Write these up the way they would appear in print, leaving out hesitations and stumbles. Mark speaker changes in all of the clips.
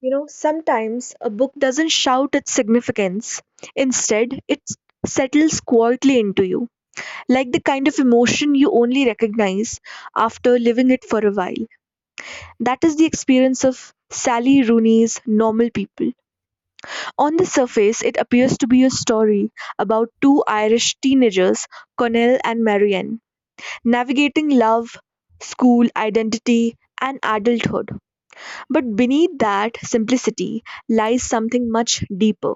Speaker 1: You know, sometimes a book doesn't shout its significance. Instead, it settles quietly into you, like the kind of emotion you only recognize after living it for a while. That is the experience of Sally Rooney's Normal People. On the surface, it appears to be a story about two Irish teenagers, Connell and Marianne, navigating love, school, identity, and adulthood. But beneath that simplicity lies something much deeper,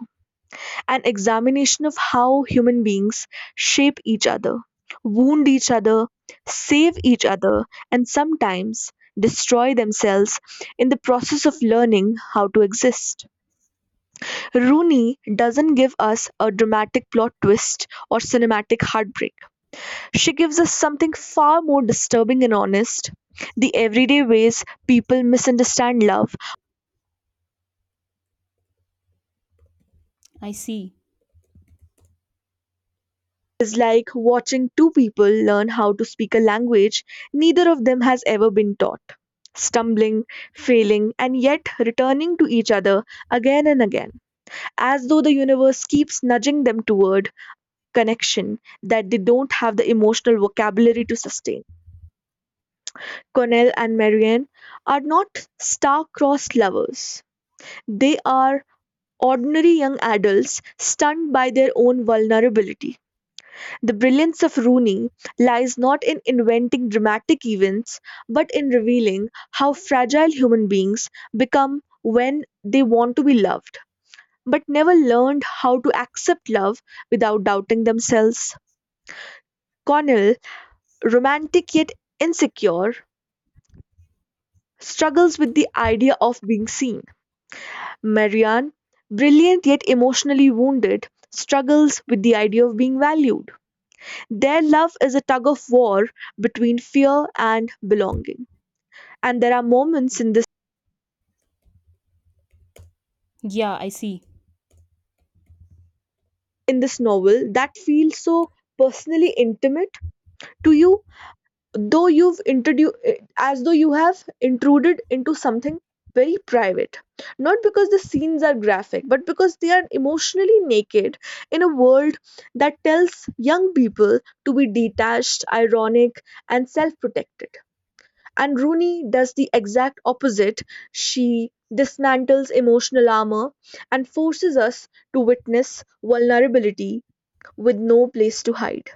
Speaker 1: an examination of how human beings shape each other, wound each other, save each other, and sometimes destroy themselves in the process of learning how to exist. Rooney doesn't give us a dramatic plot twist or cinematic heartbreak. She gives us something far more disturbing and honest, the everyday ways people misunderstand love
Speaker 2: I see.
Speaker 1: is like watching two people learn how to speak a language neither of them has ever been taught, stumbling, failing, and yet returning to each other again and again, as though the universe keeps nudging them toward connection that they don't have the emotional vocabulary to sustain. Cornell and Marianne are not star-crossed lovers. They are ordinary young adults stunned by their own vulnerability. The brilliance of Rooney lies not in inventing dramatic events, but in revealing how fragile human beings become when they want to be loved, but never learned how to accept love without doubting themselves. Connell, romantic yet insecure, struggles with the idea of being seen. Marianne, brilliant yet emotionally wounded, struggles with the idea of being valued. Their love is a tug of war between fear and belonging. And there are moments
Speaker 2: Yeah, I see.
Speaker 1: in this novel that feel so personally intimate to you, though you've introduced as though you have intruded into something very private. Not because the scenes are graphic, but because they are emotionally naked in a world that tells young people to be detached, ironic, and self protected. And Rooney does the exact opposite. She dismantles emotional armor and forces us to witness vulnerability with no place to hide.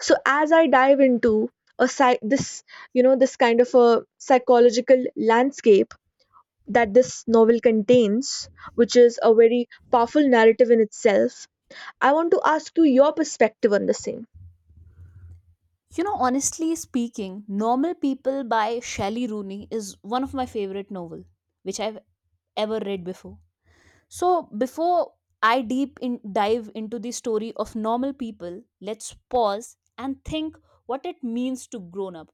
Speaker 1: So, as I dive into this, you know, this kind of a psychological landscape that this novel contains, which is a very powerful narrative in itself, I want to ask you your perspective on the same.
Speaker 2: You know, honestly speaking, Normal People by Shelley Rooney is one of my favorite novel which I've ever read before. So, before I deep in dive into the story of normal people, let's pause and think what it means to grown up.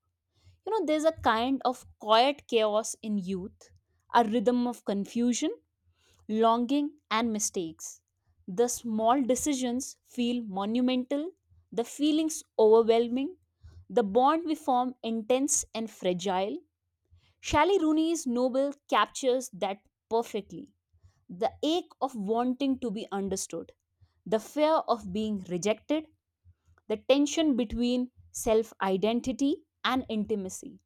Speaker 2: You know, there's a kind of quiet chaos in youth, a rhythm of confusion, longing, and mistakes. The small decisions feel monumental, the feelings overwhelming, the bond we form intense and fragile. Shally Rooney's novel captures that perfectly. The ache of wanting to be understood, the fear of being rejected, the tension between self identity and intimacy.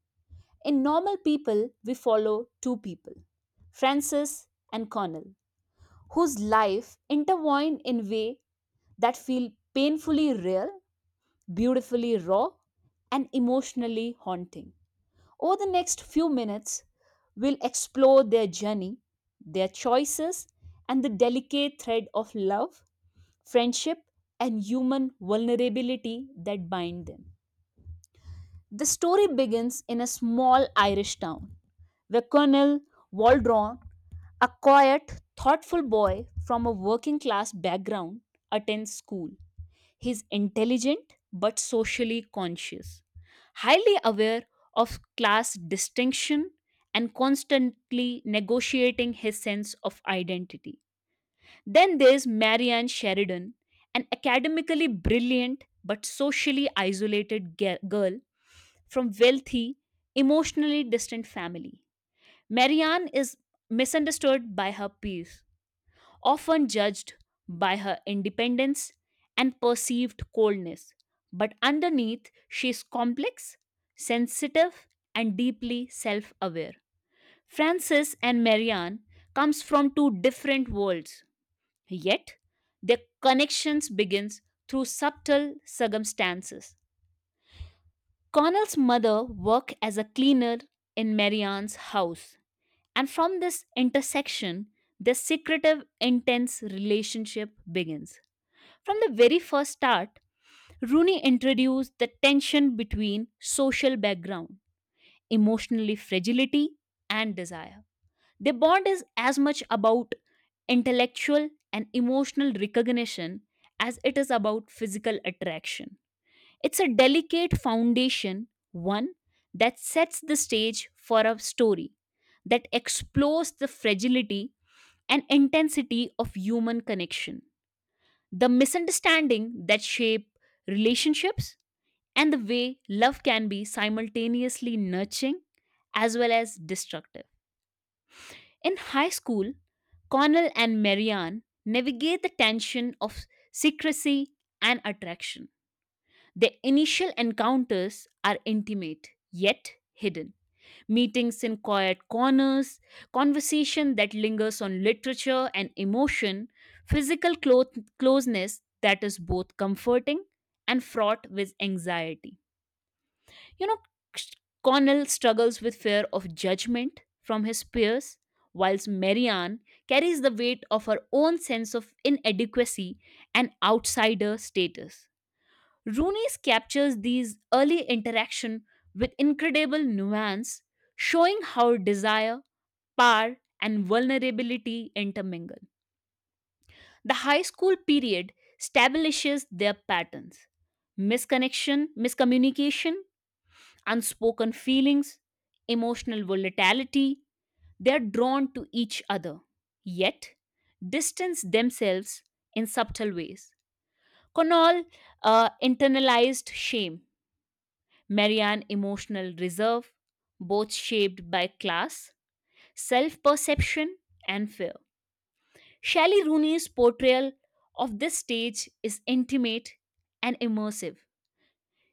Speaker 2: In normal people, we follow two people, Francis and Connell, whose life intertwine in way that feel painfully real, beautifully raw, and emotionally haunting. Over the next few minutes, we'll explore their journey, their choices, and the delicate thread of love, friendship, and human vulnerability that bind them. The story begins in a small Irish town where Colonel Waldron, a quiet, thoughtful boy from a working class background, attends school. He's intelligent but socially conscious, highly aware of class distinction, and constantly negotiating his sense of identity. Then there's Marianne Sheridan, an academically brilliant but socially isolated girl from wealthy, emotionally distant family. Marianne is misunderstood by her peers, often judged by her independence and perceived coldness, but underneath she is complex, sensitive, and deeply self-aware. Frances and Marianne comes from two different worlds. Yet, their connections begins through subtle circumstances. Connell's mother worked as a cleaner in Marianne's house, and from this intersection, their secretive, intense relationship begins. From the very first start, Rooney introduced the tension between social background, emotionally fragility, and desire. Their bond is as much about intellectual and emotional recognition as it is about physical attraction. It's a delicate foundation, one that sets the stage for a story that explores the fragility and intensity of human connection, the misunderstanding that shape relationships, and the way love can be simultaneously nurturing as well as destructive. In high school, Connell and Marianne navigate the tension of secrecy and attraction. Their initial encounters are intimate yet hidden. Meetings in quiet corners, conversation that lingers on literature and emotion, physical closeness that is both comforting and fraught with anxiety. You know, Connell struggles with fear of judgment from his peers, whilst Marianne carries the weight of her own sense of inadequacy and outsider status. Rooney's captures these early interaction with incredible nuance, showing how desire, power, and vulnerability intermingle. The high school period establishes their patterns. Misconnection, miscommunication, unspoken feelings, emotional volatility, they are drawn to each other, yet distance themselves in subtle ways. Conall internalized shame, Marianne emotional reserve, both shaped by class, self perception, and fear. Shelley Rooney's portrayal of this stage is intimate and immersive.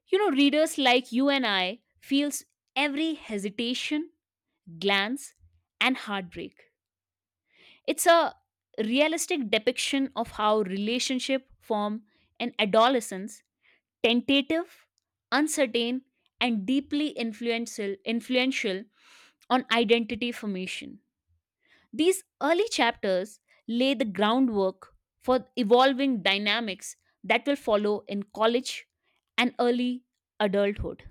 Speaker 2: You know, readers like you and I feels every hesitation glance, and heartbreak. It's a realistic depiction of how relationship form in adolescence, tentative, uncertain, and deeply influential on identity formation. These early chapters lay the groundwork for evolving dynamics that will follow in college and early adulthood.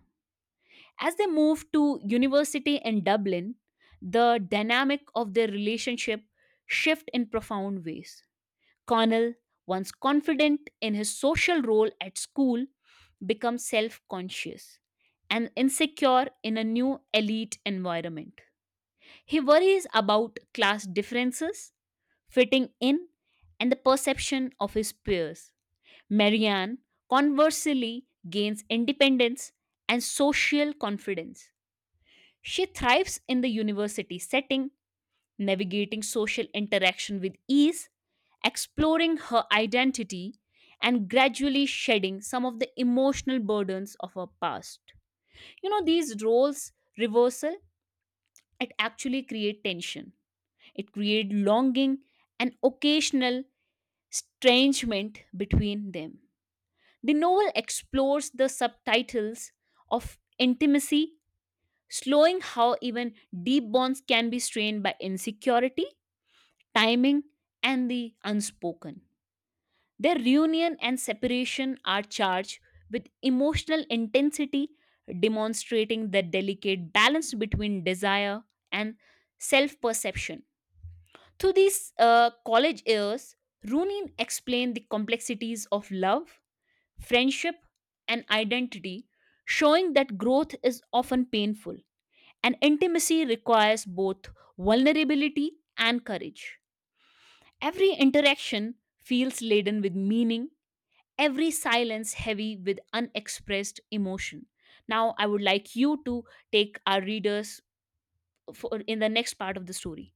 Speaker 2: As they moved to university in Dublin, the dynamic of their relationship shift in profound ways. Connell, once confident in his social role at school, becomes self-conscious and insecure in a new elite environment. He worries about class differences, fitting in, and the perception of his peers. Marianne, conversely, gains independence and social confidence. She thrives in the university setting, navigating social interaction with ease, exploring her identity, and gradually shedding some of the emotional burdens of her past. You know, these roles reversal, it actually create tension. It create longing and occasional estrangement between them. The novel explores the subtitles of intimacy slowing how even deep bonds can be strained by insecurity, timing, and the unspoken. Their reunion and separation are charged with emotional intensity, demonstrating the delicate balance between desire and self perception. Through these college years, Runin explained the complexities of love, friendship, and identity, showing that growth is often painful and intimacy requires both vulnerability and courage. Every interaction feels laden with meaning, every silence heavy with unexpressed emotion. Now, I would like you to take our readers for, in the next part of the story.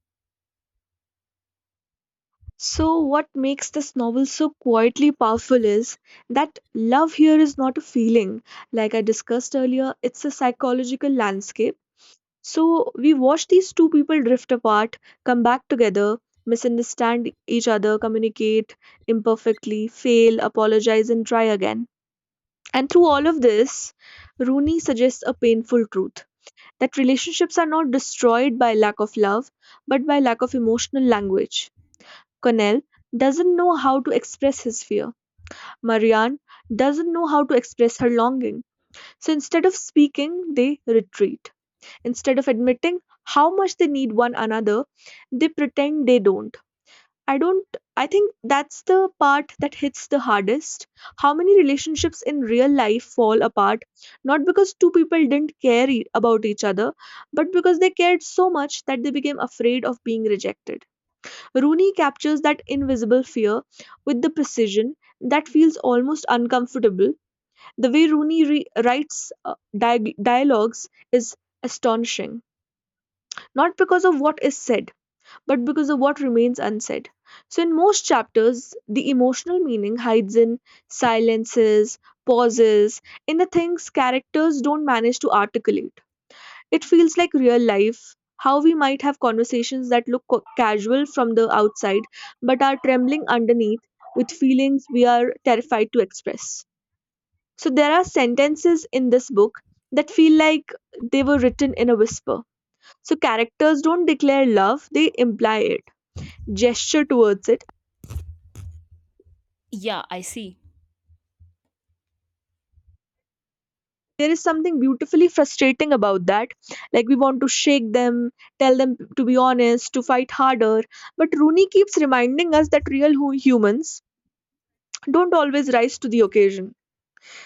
Speaker 1: So, what makes this novel so quietly powerful is that love here is not a feeling. Like I discussed earlier, it's a psychological landscape. So, we watch these two people drift apart, come back together, misunderstand each other, communicate imperfectly, fail, apologize, and try again. And through all of this, Rooney suggests a painful truth that relationships are not destroyed by lack of love, but by lack of emotional language. Connell doesn't know how to express his fear. Marianne doesn't know how to express her longing. So instead of speaking, they retreat. Instead of admitting how much they need one another, they pretend they don't. I don't I think that's the part that hits the hardest. How many relationships in real life fall apart not because two people didn't care about each other, but because they cared so much that they became afraid of being rejected. Rooney captures that invisible fear with the precision that feels almost uncomfortable. The way Rooney writes dialogues is astonishing, not because of what is said, but because of what remains unsaid. So, in most chapters, the emotional meaning hides in silences, pauses, in the things characters don't manage to articulate. It feels like real life, how we might have conversations that look casual from the outside but are trembling underneath with feelings we are terrified to express. So, there are sentences in this book that feel like they were written in a whisper. So, characters don't declare love, they imply it, gesture towards it.
Speaker 2: Yeah, I see.
Speaker 1: There is something beautifully frustrating about that. Like, we want to shake them, tell them to be honest, to fight harder. But Rooney keeps reminding us that real humans don't always rise to the occasion.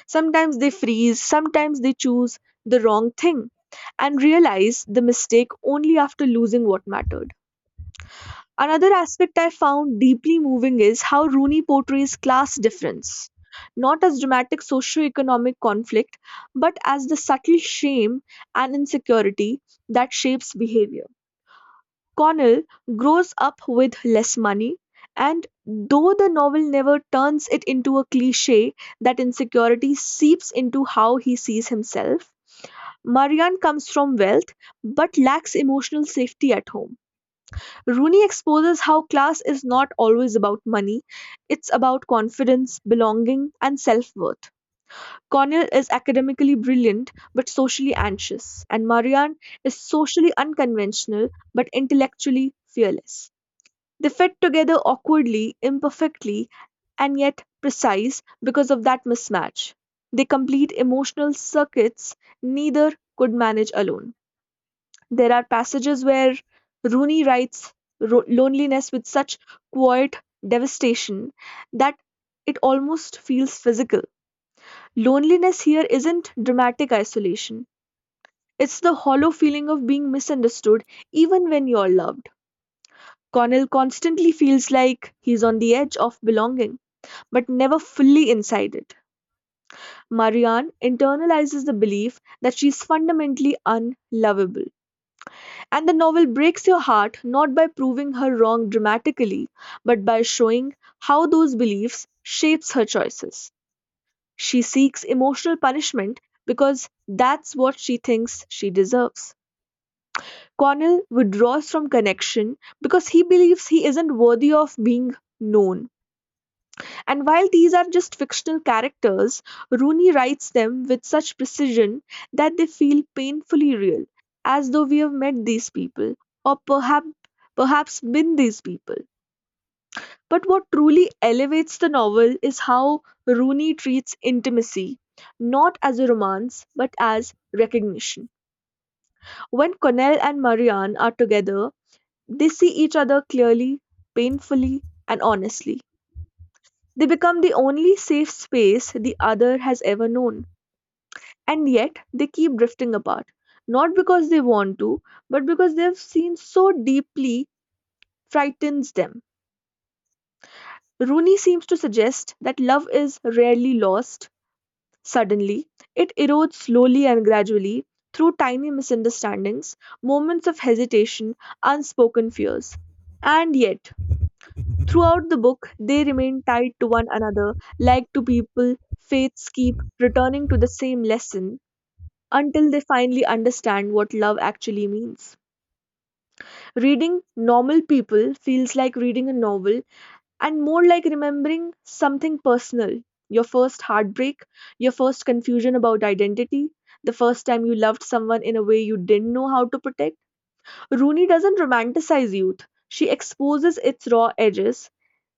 Speaker 1: Sometimes they freeze, sometimes they choose the wrong thing and realize the mistake only after losing what mattered. Another aspect I found deeply moving is how Rooney portrays class difference, not as dramatic socio-economic conflict, but as the subtle shame and insecurity that shapes behavior. Connell grows up with less money, and though the novel never turns it into a cliche, that insecurity seeps into how he sees himself. Marianne comes from wealth but lacks emotional safety at home. Rooney exposes how class is not always about money, it's about confidence, belonging, and self worth. Connell is academically brilliant but socially anxious, and Marianne is socially unconventional but intellectually fearless. They fit together awkwardly, imperfectly, and yet precise because of that mismatch. They complete emotional circuits neither could manage alone. There are passages where Rooney writes loneliness with such quiet devastation that it almost feels physical. Loneliness here isn't dramatic isolation, it's the hollow feeling of being misunderstood even when you're loved. Connell constantly feels like he's on the edge of belonging, but never fully inside it. Marianne internalizes the belief that she's fundamentally unlovable. And the novel breaks your heart not by proving her wrong dramatically, but by showing how those beliefs shapes her choices. She seeks emotional punishment because that's what she thinks she deserves. Connell withdraws from connection because he believes he isn't worthy of being known. And while these are just fictional characters, Rooney writes them with such precision that they feel painfully real, as though we have met these people, or perhaps been these people. But what truly elevates the novel is how Rooney treats intimacy, not as a romance, but as recognition. When Connell and Marianne are together, they see each other clearly, painfully, and honestly. They become the only safe space the other has ever known. And yet, they keep drifting apart. Not because they want to, but because they've seen so deeply frightens them. Rooney seems to suggest that love is rarely lost suddenly, it erodes slowly and gradually through tiny misunderstandings, moments of hesitation, unspoken fears. And yet, throughout the book, they remain tied to one another, like two people Faiths keep returning to the same lesson until they finally understand what love actually means. Reading normal people feels like reading a novel and more like remembering something personal, your first heartbreak, your first confusion about identity, the first time you loved someone in a way you didn't know how to protect. Rooney doesn't romanticize youth. She exposes its raw edges,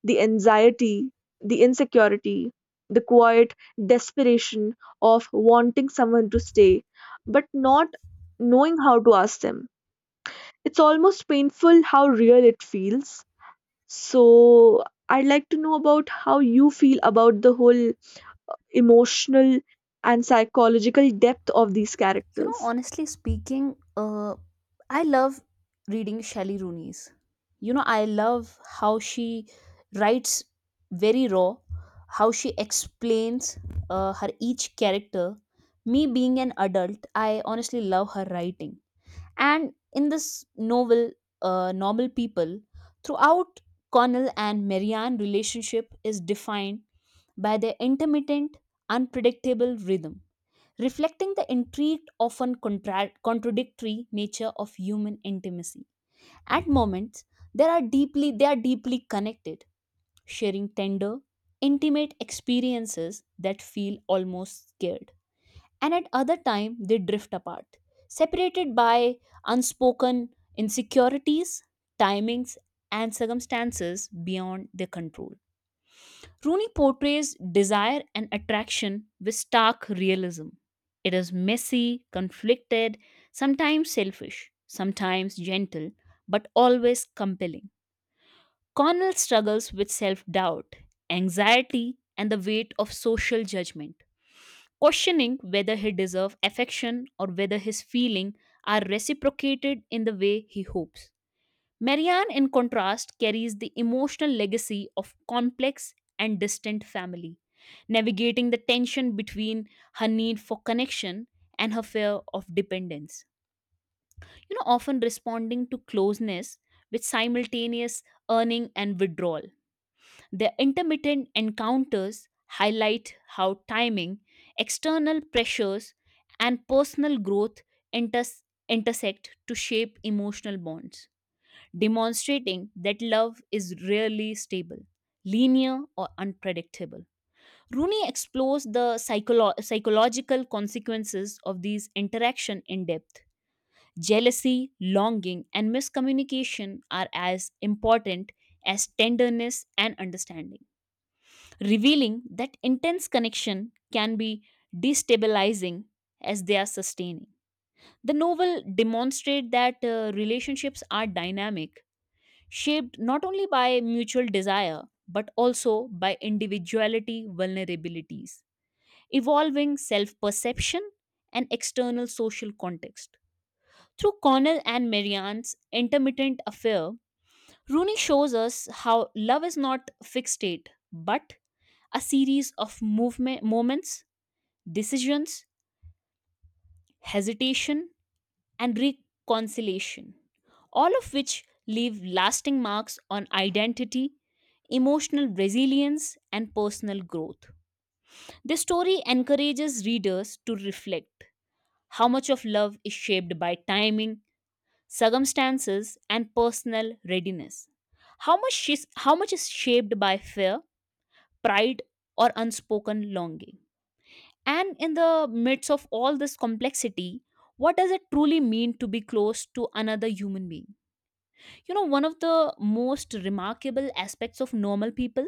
Speaker 1: the anxiety, the insecurity, the quiet desperation of wanting someone to stay, but not knowing how to ask them. It's almost painful how real it feels. So, I'd like to know about how you feel about the whole emotional and psychological depth of these
Speaker 2: You know,
Speaker 1: characters.
Speaker 2: honestly speaking, I love reading Shelley Rooney's. You know, I love how she writes very raw, how she explains her each character. Me being an adult, I honestly love her writing. And in this novel, Normal People, throughout Connell and Marianne relationship is defined by their intermittent, unpredictable rhythm reflecting the intrigued, often contradictory nature of human intimacy. At moments, there are deeply they are deeply connected, sharing tender, intimate experiences that feel almost scared. And at other time, they drift apart, separated by unspoken insecurities, timings, and circumstances beyond their control. Rooney portrays desire and attraction with stark realism. It is messy, conflicted, sometimes selfish, sometimes gentle, but always compelling. Connell struggles with self doubt, anxiety, and the weight of social judgment, questioning whether he deserves affection or whether his feelings are reciprocated in the way he hopes. Marianne, in contrast, carries the emotional legacy of complex and distant family, navigating the tension between her need for connection and her fear of dependence. You know, often responding to closeness with simultaneous earning and withdrawal. Their intermittent encounters highlight how timing, external pressures, and personal growth inters- intersect to shape emotional bonds demonstrating that love is rarely stable, linear, or unpredictable. Rooney explores the psychological consequences of these interaction in depth. Jealousy, longing, and miscommunication are as important as tenderness and understanding, revealing that intense connection can be destabilizing as they are sustaining. The novel demonstrates that relationships are dynamic shaped not only by mutual desire but also by individuality vulnerabilities, evolving self perception, and external social context. Through Cornell and Marianne's intermittent affair, Rooney shows us how love is not fixed state but a series of movement, moments, decisions, hesitation, and reconciliation, all of which leave lasting marks on identity, emotional resilience, and personal growth. This story encourages readers to reflect how much of love is shaped by timing, circumstances, and personal readiness. How much is shaped by fear, pride, or unspoken longing. And in the midst of all this complexity, what does it truly mean to be close to another human being? You know, one of the most remarkable aspects of normal people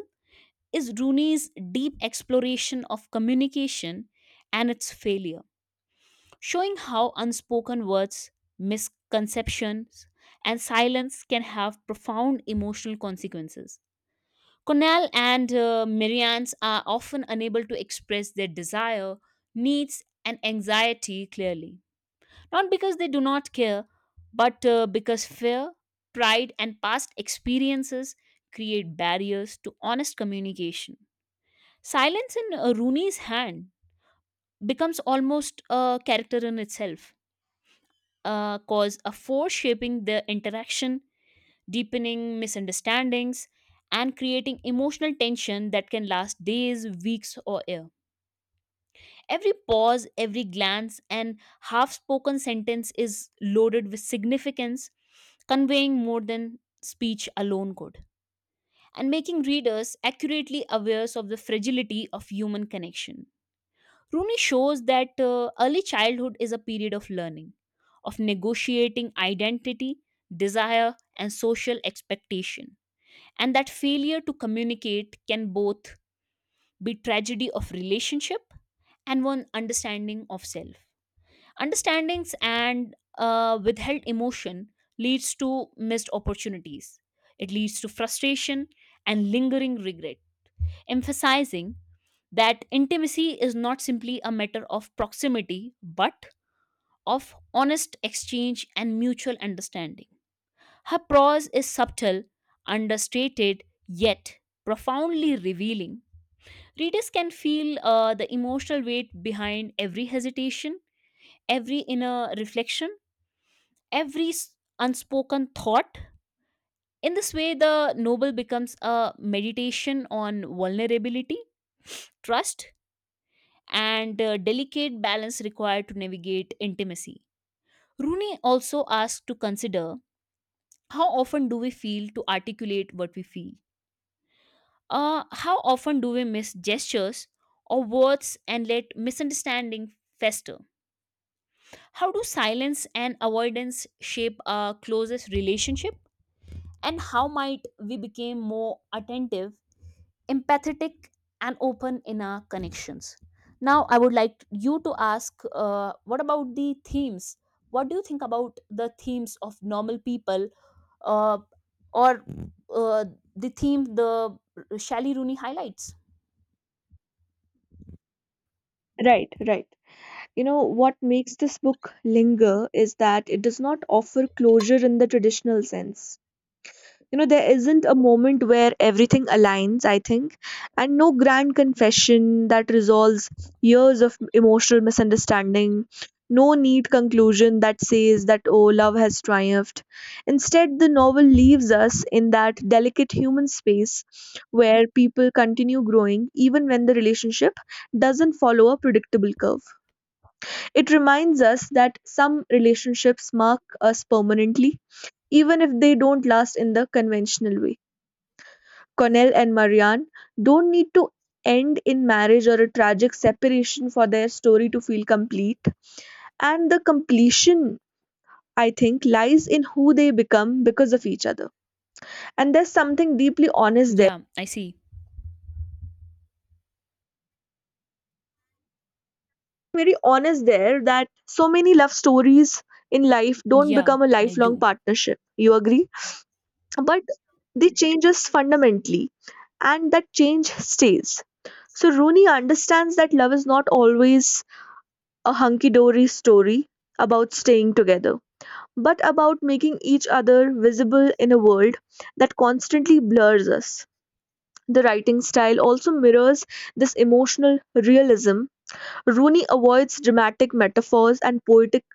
Speaker 2: is Rooney's deep exploration of communication and its failure, showing how unspoken words, misconceptions, and silence can have profound emotional consequences. Cornell and Marianne's are often unable to express their desire, needs, and anxiety clearly, not because they do not care, but because fear, pride, and past experiences create barriers to honest communication. Silence in Rooney's hand becomes almost a character in itself, cause a force shaping the interaction, deepening misunderstandings, and creating emotional tension that can last days, weeks, or years. Every pause, every glance, and half spoken sentence is loaded with significance, conveying more than speech alone could, and making readers accurately aware of the fragility of human connection. Rooney shows that early childhood is a period of learning, of negotiating identity, desire, and social expectation, and that failure to communicate can both be tragedy of relationship and one understanding of self. Understandings and withheld emotion leads to missed opportunities. It leads to frustration and lingering regret, emphasizing that intimacy is not simply a matter of proximity but of honest exchange and mutual understanding. Her prose is subtle, understated, yet profoundly revealing. Readers can feel the emotional weight behind every hesitation, every inner reflection, every unspoken thought. In this way, the novel becomes a meditation on vulnerability, trust, and delicate balance required to navigate intimacy. Rooney also asks to consider how often do we feel to articulate what we feel? How often do we miss gestures or words and let misunderstanding fester? How do silence and avoidance shape our closest relationship? And how might we become more attentive, empathetic, and open in our connections. Now, I would like you to ask what about the themes? What do you think about the themes of normal people, uh, or uh, the theme the Shali Rooney highlights?
Speaker 1: Right, right. You know, what makes this book linger is that it does not offer closure in the traditional sense. You know, there isn't a moment where everything aligns, I think, and no grand confession that resolves years of emotional misunderstanding, no neat conclusion that says that, oh, love has triumphed. Instead, the novel leaves us in that delicate human space where people continue growing even when the relationship doesn't follow a predictable curve. It reminds us that some relationships mark us permanently even if they don't last in the conventional way. Connell and Marianne don't need to end in marriage or a tragic separation for their story to feel complete. And the completion, I think, lies in who they become because of each other. And there's something deeply honest there.
Speaker 2: Yeah, I see.
Speaker 1: Very honest there, that so many love stories in life don't
Speaker 2: Yeah,
Speaker 1: become a
Speaker 2: I
Speaker 1: lifelong
Speaker 2: do.
Speaker 1: partnership. You agree? But they change us fundamentally, and that change stays. So Rooney understands that love is not always a hunky dory story about staying together, but about making each other visible in a world that constantly blurs us. The writing style also mirrors this emotional realism. Rooney avoids dramatic metaphors and poetic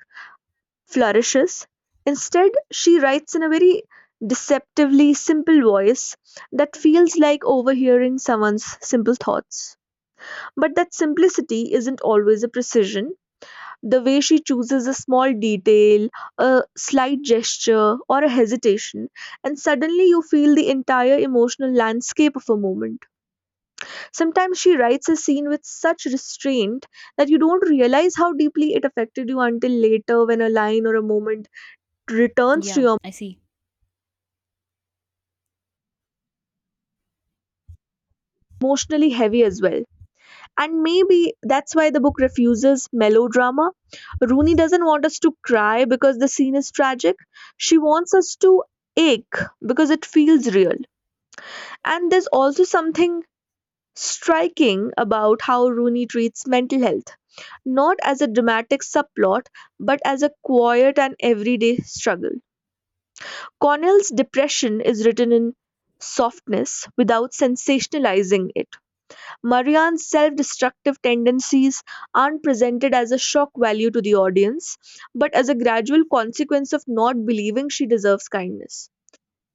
Speaker 1: flourishes. Instead, she writes in a very deceptively simple voice that feels like overhearing someone's simple thoughts. But that simplicity isn't always a precision. The way she chooses a small detail, a slight gesture, or a hesitation, and suddenly you feel the entire emotional landscape of a moment. Sometimes she writes a scene with such restraint that you don't realize how deeply it affected you until later when a line or a moment returns to
Speaker 2: Yeah,
Speaker 1: your
Speaker 2: I see.
Speaker 1: emotionally heavy as well. And maybe that's why the book refuses melodrama. Rooney doesn't want us to cry because the scene is tragic. She wants us to ache because it feels real. And there's also something striking about how Rooney treats mental health, not as a dramatic subplot, but as a quiet and everyday struggle. Connell's depression is written in softness without sensationalizing it. Marianne's self destructive tendencies aren't presented as a shock value to the audience, but as a gradual consequence of not believing she deserves kindness.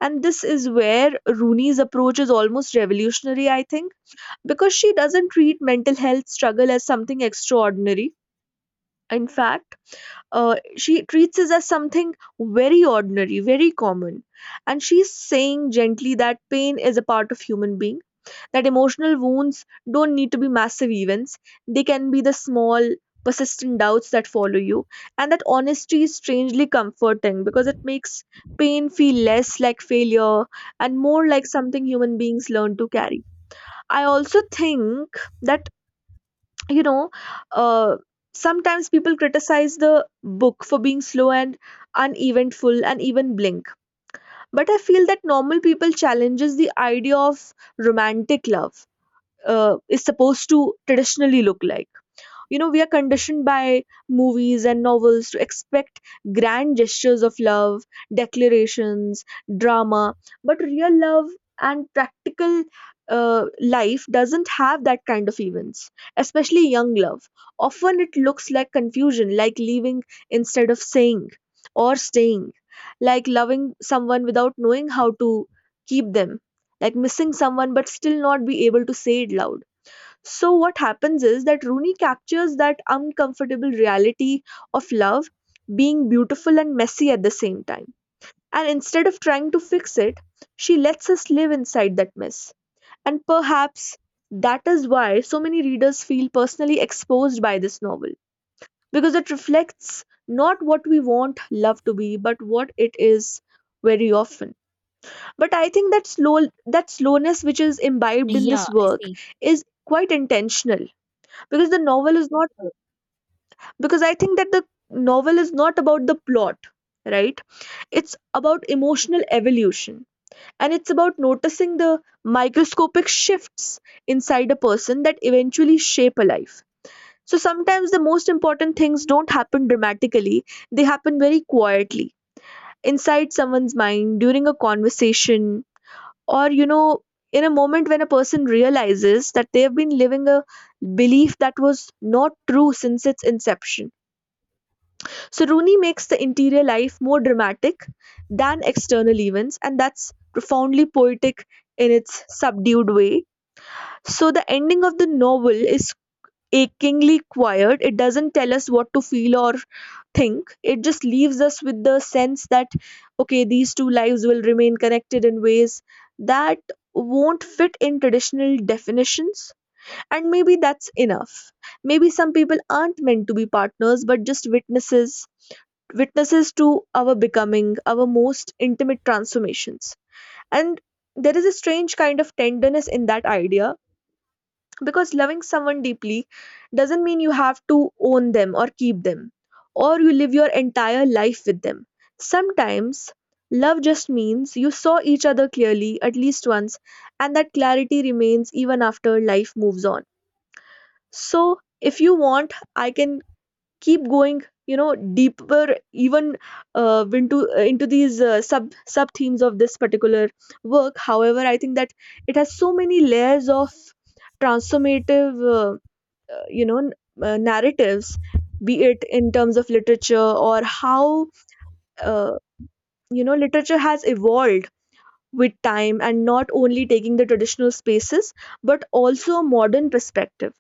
Speaker 1: And this is where Rooney's approach is almost revolutionary, I think, because she doesn't treat mental health struggle as something extraordinary. In fact, she treats it as something very ordinary, very common. And she's saying gently that pain is a part of human being, that emotional wounds don't need to be massive events. They can be the small, persistent doubts that follow you. And that honesty is strangely comforting because it makes pain feel less like failure and more like something human beings learn to carry. I also think that, you know, uh, sometimes people criticize the book for being slow and uneventful and even blink. But I feel that normal people challenges the idea of romantic love is supposed to traditionally look like. You know, we are conditioned by movies and novels to expect grand gestures of love, declarations, drama, but real love and practical life doesn't have that kind of events, especially young love. Often it looks like confusion, like leaving instead of saying or staying, like loving someone without knowing how to keep them, like missing someone but still not be able to say it loud. So what happens is that Rooney captures that uncomfortable reality of love being beautiful and messy at the same time. And instead of trying to fix it, she lets us live inside that mess. And perhaps that is why so many readers feel personally exposed by this novel, because it reflects not what we want love to be but what it is very often. But I think that slowness which is imbibed in
Speaker 2: Yeah,
Speaker 1: this
Speaker 2: I
Speaker 1: work
Speaker 2: see.
Speaker 1: is quite intentional, because the novel is not, because I think that the novel is not about the plot, right? It's about emotional evolution, and it's about noticing the microscopic shifts inside a person that eventually shape a life. So sometimes the most important things don't happen dramatically, they happen very quietly, inside someone's mind during a conversation, or you know, in a moment when a person realizes that they have been living a belief that was not true since its inception. So Rooney makes the interior life more dramatic than external events, and that's profoundly poetic in its subdued way. So the ending of the novel is achingly quiet. It doesn't tell us what to feel or think. It just leaves us with the sense that okay, these two lives will remain connected in ways that won't fit in traditional definitions. And maybe that's enough. Maybe some people aren't meant to be partners but just witnesses, witnesses to our becoming, our most intimate transformations. And there is a strange kind of tenderness in that idea, because loving someone deeply doesn't mean you have to own them or keep them or you live your entire life with them. Sometimes love just means you saw each other clearly at least once, and that clarity remains even after life moves on. So, if you want, I can keep going, you know, deeper even into these sub themes of this particular work. However, I think that it has so many layers of transformative uh, you know n- narratives, be it in terms of literature or how, uh, you know, literature has evolved with time, and not only taking the traditional spaces but also a modern perspective.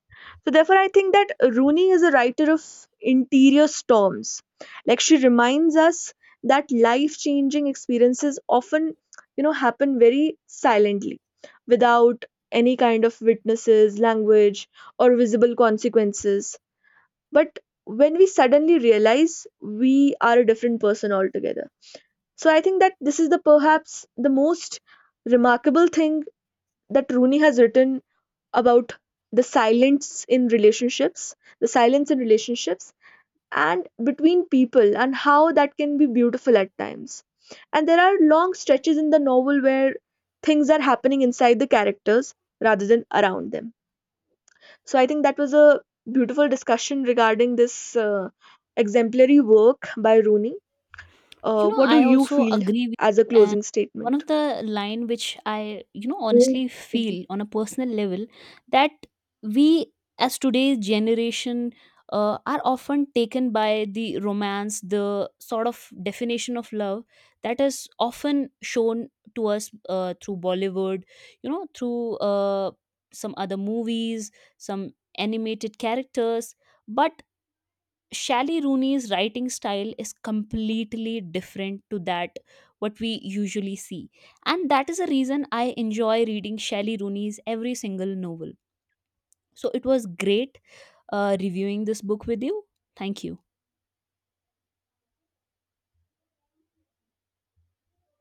Speaker 1: So, therefore, I think that Rooney is a writer of interior storms. Like she reminds us that life changing experiences often, you know, happen very silently without any kind of witnesses, language, or visible consequences. But when we suddenly realize we are a different person altogether. So I think that this is the perhaps the most remarkable thing that Rooney has written about the silence in relationships, the silence in relationships and between people, and how that can be beautiful at times. And there are long stretches in the novel where things are happening inside the characters rather than around them. So I think that was a beautiful discussion regarding this exemplary work by Rooney.
Speaker 2: You know,
Speaker 1: What do
Speaker 2: I
Speaker 1: you
Speaker 2: also
Speaker 1: feel
Speaker 2: agree with
Speaker 1: as a
Speaker 2: you. And
Speaker 1: closing
Speaker 2: one
Speaker 1: statement?
Speaker 2: of the line which I, you know, honestly
Speaker 1: Oui
Speaker 2: feel on a personal level, that we as today's generation are often taken by the romance, the sort of definition of love that is often shown to us through bollywood, you know, through some other movies, some animated characters, but Shally Rooney's writing style is completely different to that what we usually see. And that is the reason I enjoy reading Shally Rooney's every single novel. So it was great reviewing this book with you. Thank you.